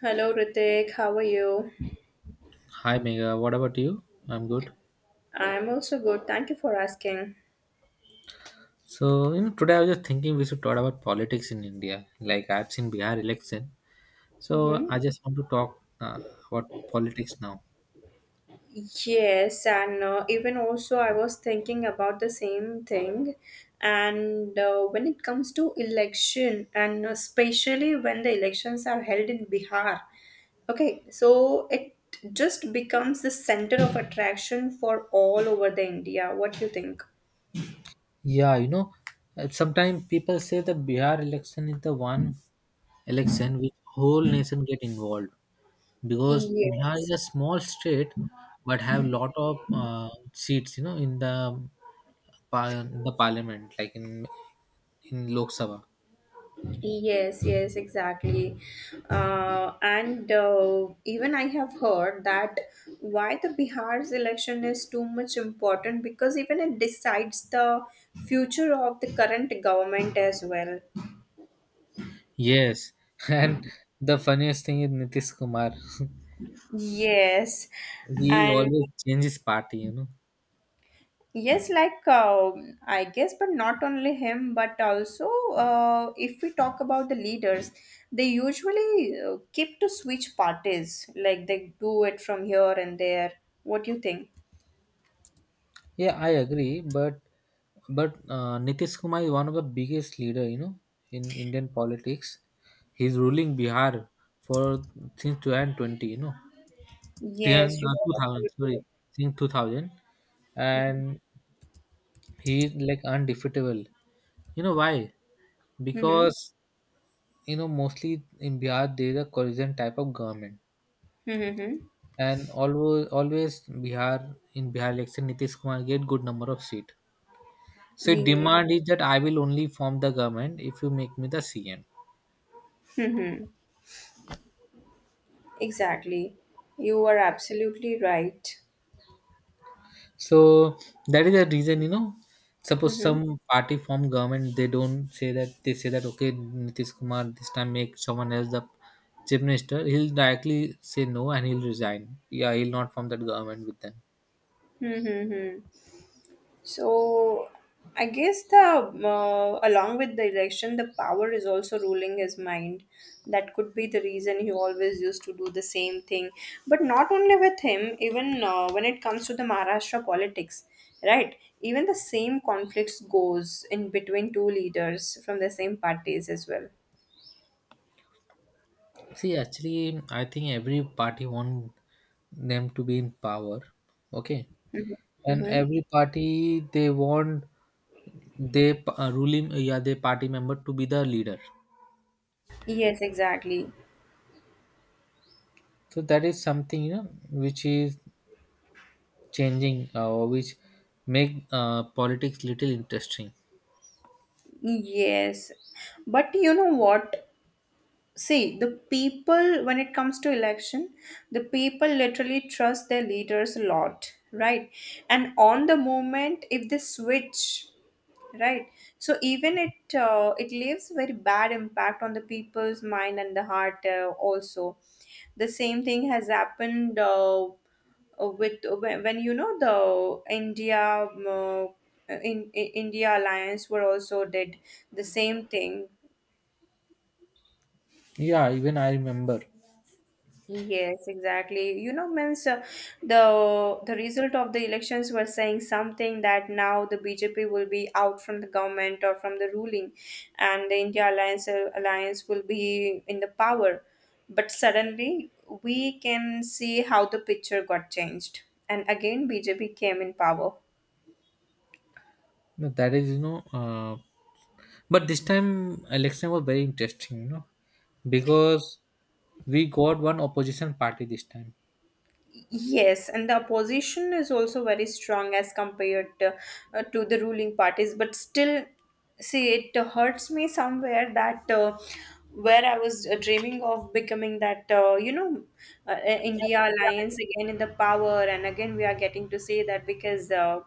Hello, Ritik. How are you? Hi Mega. What about you? I'm good. I'm also good. Thank you for asking. So you know, today I was just thinking we should talk about politics in India. Like I've seen Bihar election, so hmm I just want to talk about politics now. Yes, and even also, I was thinking about the same thing. And when it comes to election, and especially when the elections are held in Bihar, okay, so it just becomes the center of attraction for all over the India. What do you think? Yeah, you know, sometimes people say the Bihar election is the one election which whole nation get involved because Bihar is Yes. a small state but have lot of seats. You know, in the the parliament, like in Lok Sabha. Yes, yes, exactly. And Even I have heard that why the Bihar's election is too much important because even it decides the future of the current government as well. Yes, and the funniest thing is Nitish Kumar. Yes, He and always changes party, you know. yes, like, I guess, but not only him, but also if we talk about the leaders, they usually keep to switch parties, like they do it from here and there. What do you think? Yeah, I agree, but Nitish Kumar is one of the biggest leader, you know, in Indian politics. He's ruling Bihar for since 2020, you know, 10, Yes, you are 2000, absolutely sorry, since 2000, right. and he is like undefeatable. You know why? Mm-hmm. Mm-hmm. Because you know mostly in Bihar there is a coalition type of government Mm-hmm. and always Bihar in Bihar election Nitish Kumar get good number of seat. So Yeah. demand is that I will only form the government if you make me the CM. Mm-hmm. Exactly. You are absolutely right. So that is the reason you know. Suppose Mm-hmm. some party form government they don't say that, they say that okay Nitish Kumar this time make someone else the chief minister, he'll directly say no and he'll resign. Yeah, he'll not form that government with them. Hmm, hmm, hmm. So, I guess the along with the election, the power is also ruling his mind. That could be the reason he always used to do the same thing. But not only with him, even when it comes to the Maharashtra politics, right? Even the same conflicts goes in between two leaders from the same parties as well. See, actually, I think every party want them to be in power. Okay, Mm-hmm. and Mm-hmm. every party they want they ruling yeah their party member to be the leader, Yes, exactly. so that is something you know which is changing or which make politics little interesting. Yes. But you know what? See, the people, when it comes to election, the people literally trust their leaders a lot, right? And on the moment, if they switch, right? So even it leaves very bad impact on the people's mind and the heart also. The same thing has happened with when you know the India um, uh, in India alliance were also did the same thing. Yeah, even I remember. Yes, exactly. You know, means the result of the elections were saying something that now the BJP will be out from the government or from the ruling, and the India Alliance Alliance will be in the power. But suddenly, we can see how the picture got changed, and again BJP came in power. No, that is you know but this time election was very interesting you know, because we got one opposition party this time. Yes, and the opposition is also very strong as compared to the ruling parties. But still, see, it hurts me somewhere that where I was dreaming of becoming that, you know, uh, uh, India alliance again in the power, and again we are getting to say that because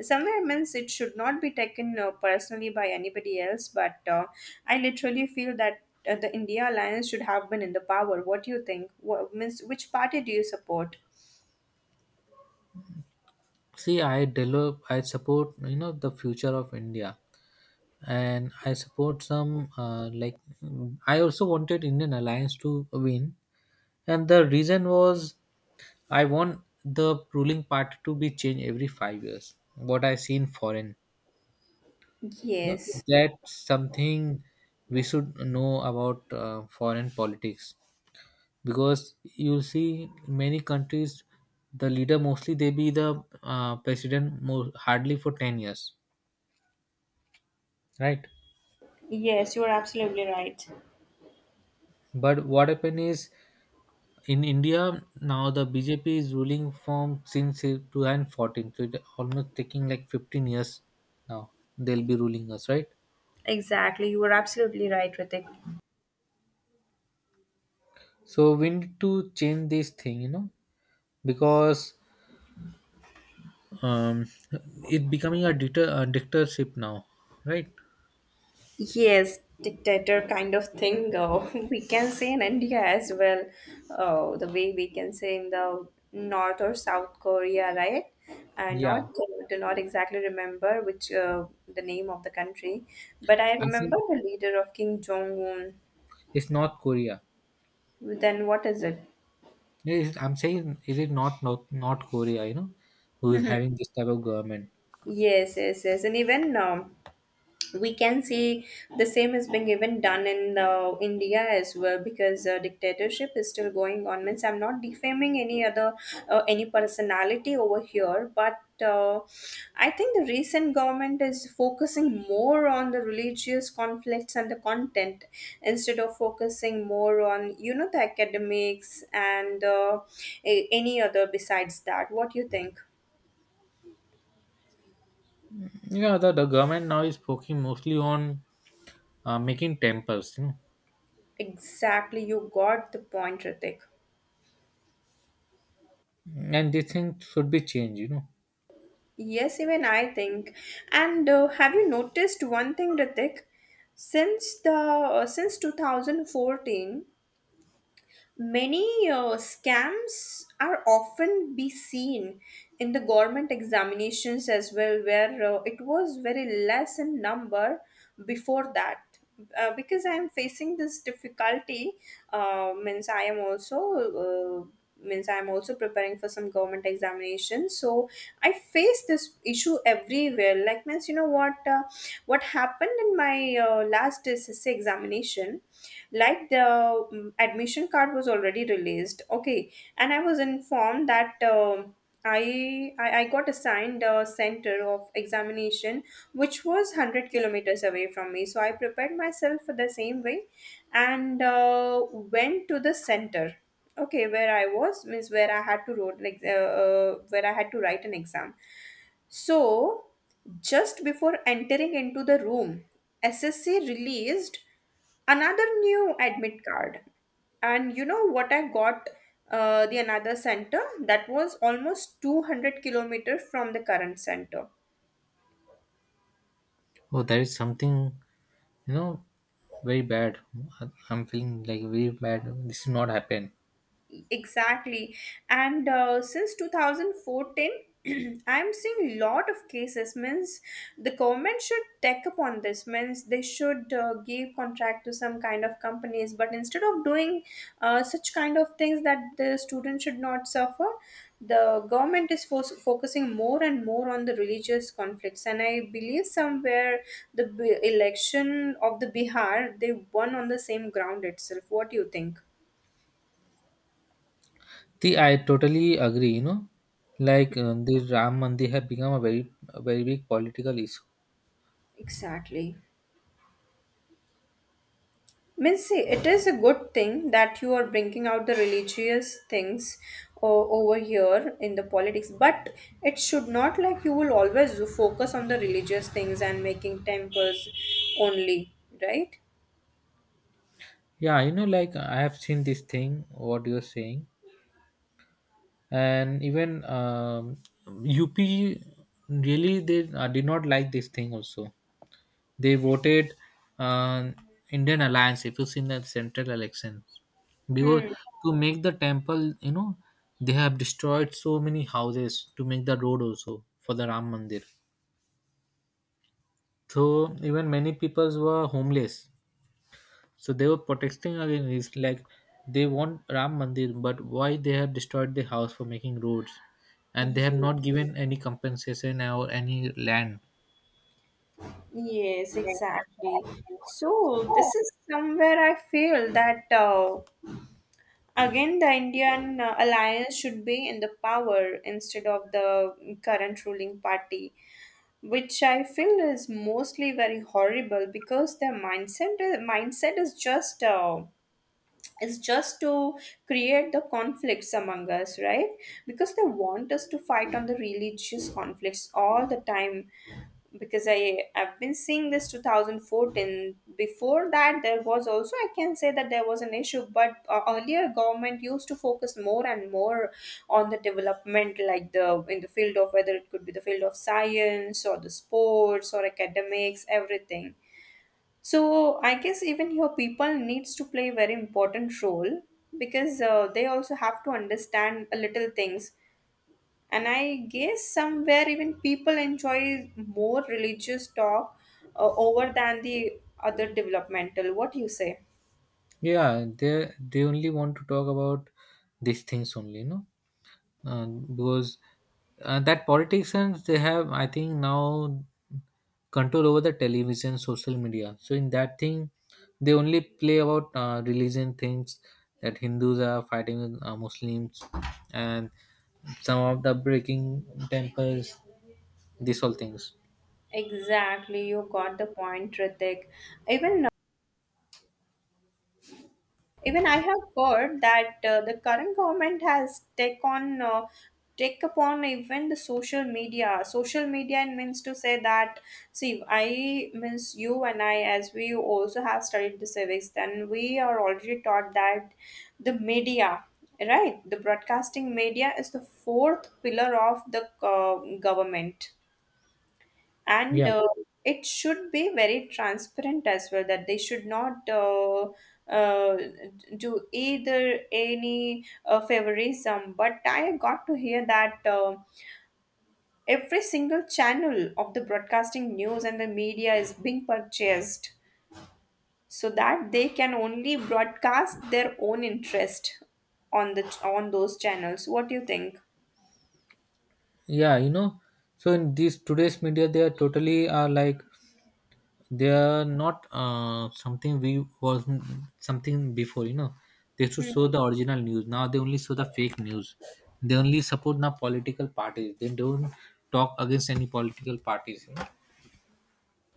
somewhere means it should not be taken personally by anybody else. But I literally feel that. The India alliance should have been in the power. What do you think? What, means which party do you support? See i develop i support you know the future of India, and I support some like I also wanted Indian alliance to win, and the reason was I want the ruling party to be changed every 5 years. What I see in foreign, you know, Yes. that's something we should know about foreign politics, because you see many countries the leader mostly they be the president more, hardly for 10 years, right? Yes, you are absolutely right. But what happened is in India now the BJP is ruling from since 2014, so it almost taking like 15 years now they'll be ruling us, right? Exactly, you are absolutely right, Ritik. So we need to change this thing you know, because um it becoming a dictator, a dictatorship now, right? Yes, dictator kind of thing. Oh, we can say in India as well. Oh, the way we can say in the North or South Korea, right? And Yeah, not do not exactly remember which the name of the country, but I I think remember the leader of King Jong Un. it's North Korea. Then what is it? I'm saying is it not North Korea you know who is having this type of government. Yes, yes, yes, and even we can see the same is being even done in india as well because dictatorship is still going on means I'm not defaming any other any personality over here but I think the recent government is focusing more on the religious conflicts and the content instead of focusing more on you know the academics and any other besides that. What do you think? Yeah, the government now is focusing mostly on making temples you know, Exactly, you got the point, Ritik. and they think should be changed you know. Yes, even I think. And have you noticed one thing, Ritik? Since the since 2014, many scams are often be seen in the government examinations as well, where it was very less in number before that. Because I am facing this difficulty, means I am also. Means I'm also preparing for some government examination so I face this issue everywhere like means you know what happened in my last SSC examination like the admission card was already released, okay, and I was informed that I got assigned a center of examination which was 100 kilometers away from me so I prepared myself for the same way and went to the center, okay, where I was means where I had to wrote like where I had to write an exam so just before entering into the room ssc released another new admit card and you know what I got the another center that was almost 200 kilometers from the current center. Oh, there is something you know very bad. I'm feeling like very bad. This should not happen. Exactly. And since 2014, I'm seeing lot of cases. Means the government should take upon this. Means they should give contract to some kind of companies. But instead of doing such kind of things that the student should not suffer, the government is focusing more and more on the religious conflicts. And I believe somewhere the election of the Bihar, they won on the same ground itself. What do you think? The i totally agree you know, like the Ram Mandir have become a very big political issue. Exactly. Means, see, it is a good thing that you are bringing out the religious things over here in the politics, but it should not like you will always focus on the religious things and making temples only, right? Yeah you know, like I have seen this thing what you're saying, and even up really they did not like this thing also. They voted uh, Indian Alliance. If you see in the central elections, because Hmm. to make the temple, you know, they have destroyed so many houses to make the road also for the Ram Mandir. So even many peoples were homeless. So they were protesting against this. Like they want Ram Mandir, but why they have destroyed the house for making roads, and they have Ye- not given any compensation or any land. Yes, exactly. So this is somewhere I feel that again the Indian alliance should be in the power instead of the current ruling party, which I feel is mostly very horrible because their mindset is just to create the conflicts among us, right? Because they want us to fight on the religious conflicts all the time because I've been seeing this 2014 before that there was also I can say that there was an issue but earlier government used to focus more and more on the development like the in the field of whether it could be the field of science or the sports or academics everything so I guess even here people needs to play a very important role because they also have to understand a little things. And I guess somewhere even people enjoy more religious talk over than the other developmental. What do you say? Yeah, they only want to talk about these things only, no. And because that politicians they have I think now control over the television social media, so in that thing they only play about religion things, that hindus are fighting with muslims and some of the breaking temples, these all things. Exactly, you got the point, Ritik. Even even I have heard that the current government has take upon even the social media. Social media and means to say that see I means you and I as we also have studied the civics, then we are already taught that the media right the broadcasting media is the fourth pillar of the government and Yeah. It should be very transparent as well that they should not uh, do either any favorism but I got to hear that every single channel of the broadcasting news and the media is being purchased so that they can only broadcast their own interest on the on those channels. What do you think? Yeah, you know, so in these today's media they are totally are like they are not something, we was something before. You know, they should show the original news. Now they only show the fake news. They only support now political parties. They don't talk against any political parties. You know?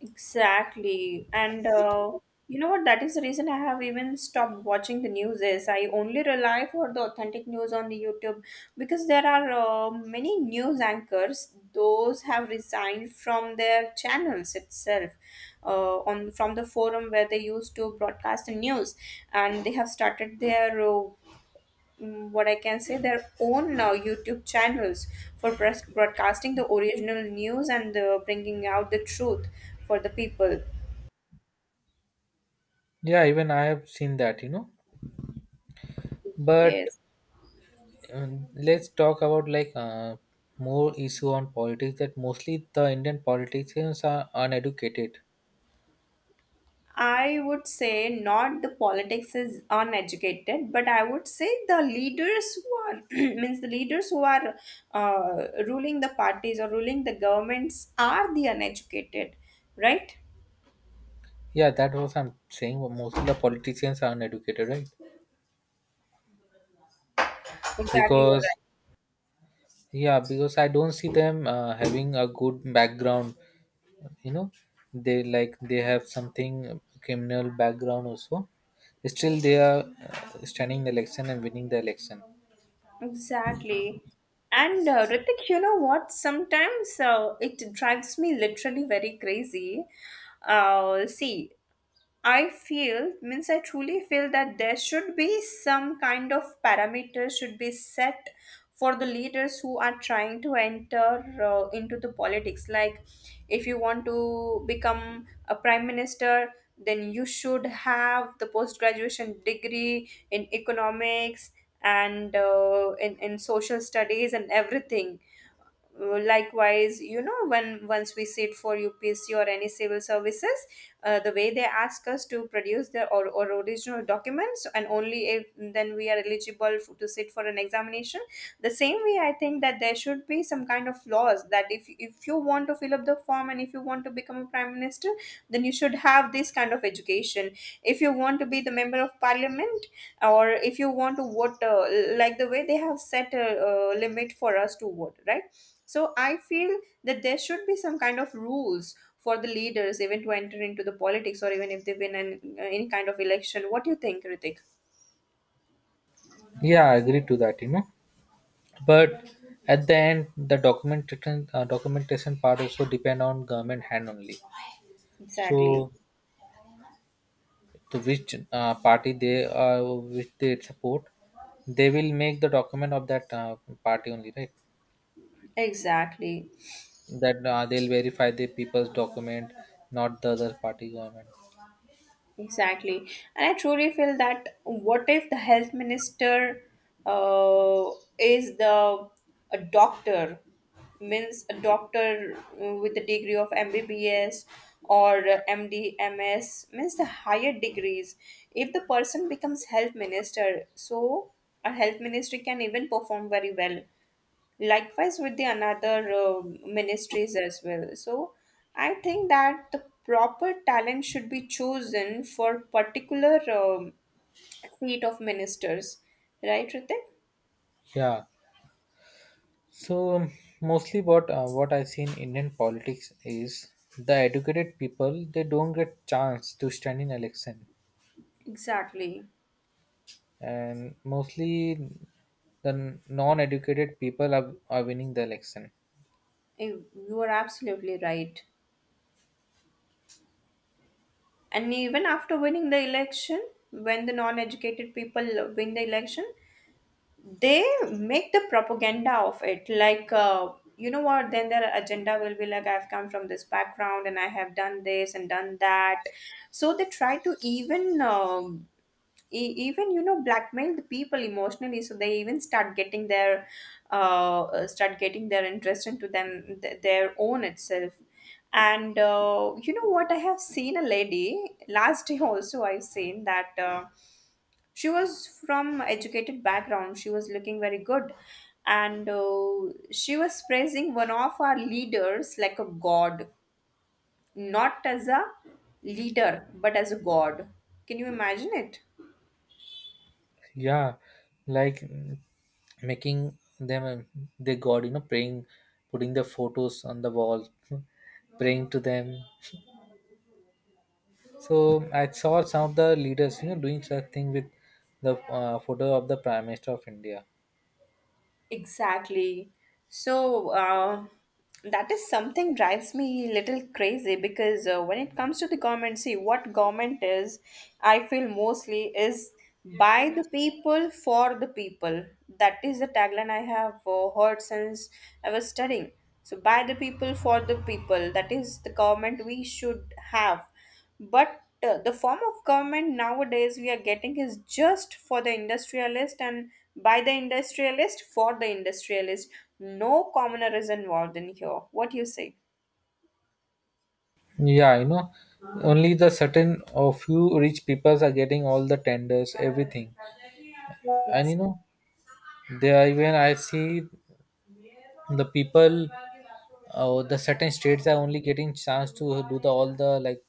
Exactly. And you know what? That is the reason I have even stopped watching the news is I only rely for the authentic news on the YouTube because there are many news anchors. Those have resigned from their channels itself, on from the forum where they used to broadcast the news, and they have started their what I can say, their own YouTube channels for broadcasting the original news and bringing out the truth for the people. Yeah, even I have seen that. You know, but Yes, let's talk about like more issue on politics. That mostly the Indian politicians are uneducated. I would say not the politics is uneducated, but I would say the leaders who are means the leaders who are ruling the parties or ruling the governments are the uneducated, right? Yeah, that was I'm saying. Mostly the politicians are uneducated, right? Exactly, you're Because right. yeah, because I don't see them having a good background you know. They like they have something criminal background also, still they are standing the election and winning the election. Exactly. And Ritik, you know what? Sometimes it drives me literally very crazy. See, I feel, means I truly feel that there should be some kind of parameters should be set for the leaders who are trying to enter into the politics. Like, if you want to become a prime minister, then you should have the post graduation degree in economics and in social studies and everything likewise you know when once we sit for upsc or any civil services the way they ask us to produce the or original documents and only if then we are eligible to sit for an examination the same way I think that there should be some kind of laws that if you want to fill up the form and if you want to become a prime minister then you should have this kind of education if you want to be the member of parliament or if you want to vote like the way they have set a, limit for us to vote, right? So I feel that there should be some kind of rules for the leaders even to enter into the politics or even if they win any kind of election. What do you think, Ritik? Yeah, I agree to that you know, but at the end the documentation part also depend on government hand only. Exactly. So to which party they which they support, they will make the document of that party only, right? Exactly. That they'll verify the people's document, not the other party government. Exactly. And I truly feel that what if the health minister uh, is the a doctor, means a doctor with the degree of MBBS or MD, MS, means the higher degrees. If the person becomes health minister, so a health ministry can even perform very well likewise with the another ministries as well so I think that the proper talent should be chosen for particular seat of ministers, right, Ritik? Yeah, so mostly what I see in Indian politics is the educated people they don't get chance to stand in election, Exactly. and mostly the non-educated people are winning the election. You are absolutely right and even after winning the election when the non-educated people win the election they make the propaganda of it like you know what then their agenda will be like I've come from this background and I have done this and done that so they try to even even you know blackmail the people emotionally so they even start getting their interest into them their own itself and you know what I have seen a lady last day also I've seen that she was from educated background she was looking very good and she was praising one of our leaders like a god, not as a leader but as a god. Can you imagine it? Yeah, like making them their god you know, praying, putting the photos on the wall, praying to them. So I saw some of the leaders, you know, doing such thing with the photo of the Prime Minister of India. Exactly. So that is something drives me a little crazy because when it comes to the government, see what government is, I feel mostly is by the people for the people. That is the tagline I have heard since I was studying. So by the people for the people. That is the government we should have. But the form of government nowadays we are getting is just for the industrialist and by the industrialist for the industrialist. No commoner is involved in here. What do you say? Yeah, you know, only the certain or few rich peoples are getting all the tenders, everything, and you Yes. know, they are even I see the people, the certain states are only getting chance to do the all the like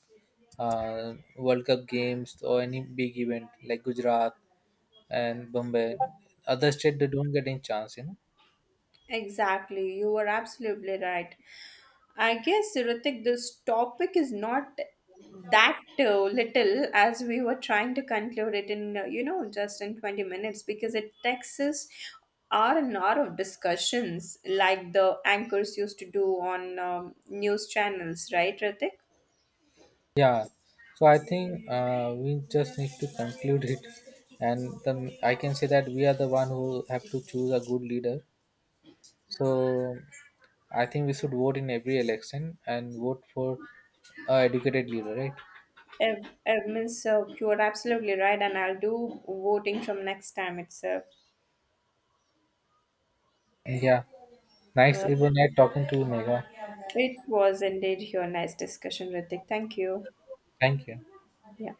World Cup games or any big event like Gujarat and Bombay. Other state they don't get any chance, you know. Exactly, you were absolutely right. I guess, Ritik, this topic is not that little as we were trying to conclude it in, you know, just in 20 minutes because it takes us hour and hour of discussions like the anchors used to do on news channels, right, Ritik? Yeah, so I think we just need to conclude it, and then I can say that we are the one who have to choose a good leader. So I think we should vote in every election and vote for a educated leader, right? Uh, means You are absolutely right, and I'll do voting from next time itself. Yeah, nice. Uh, It was nice talking to you, Megha. it was indeed your nice discussion, Ritik. Thank you. Thank you. Yeah.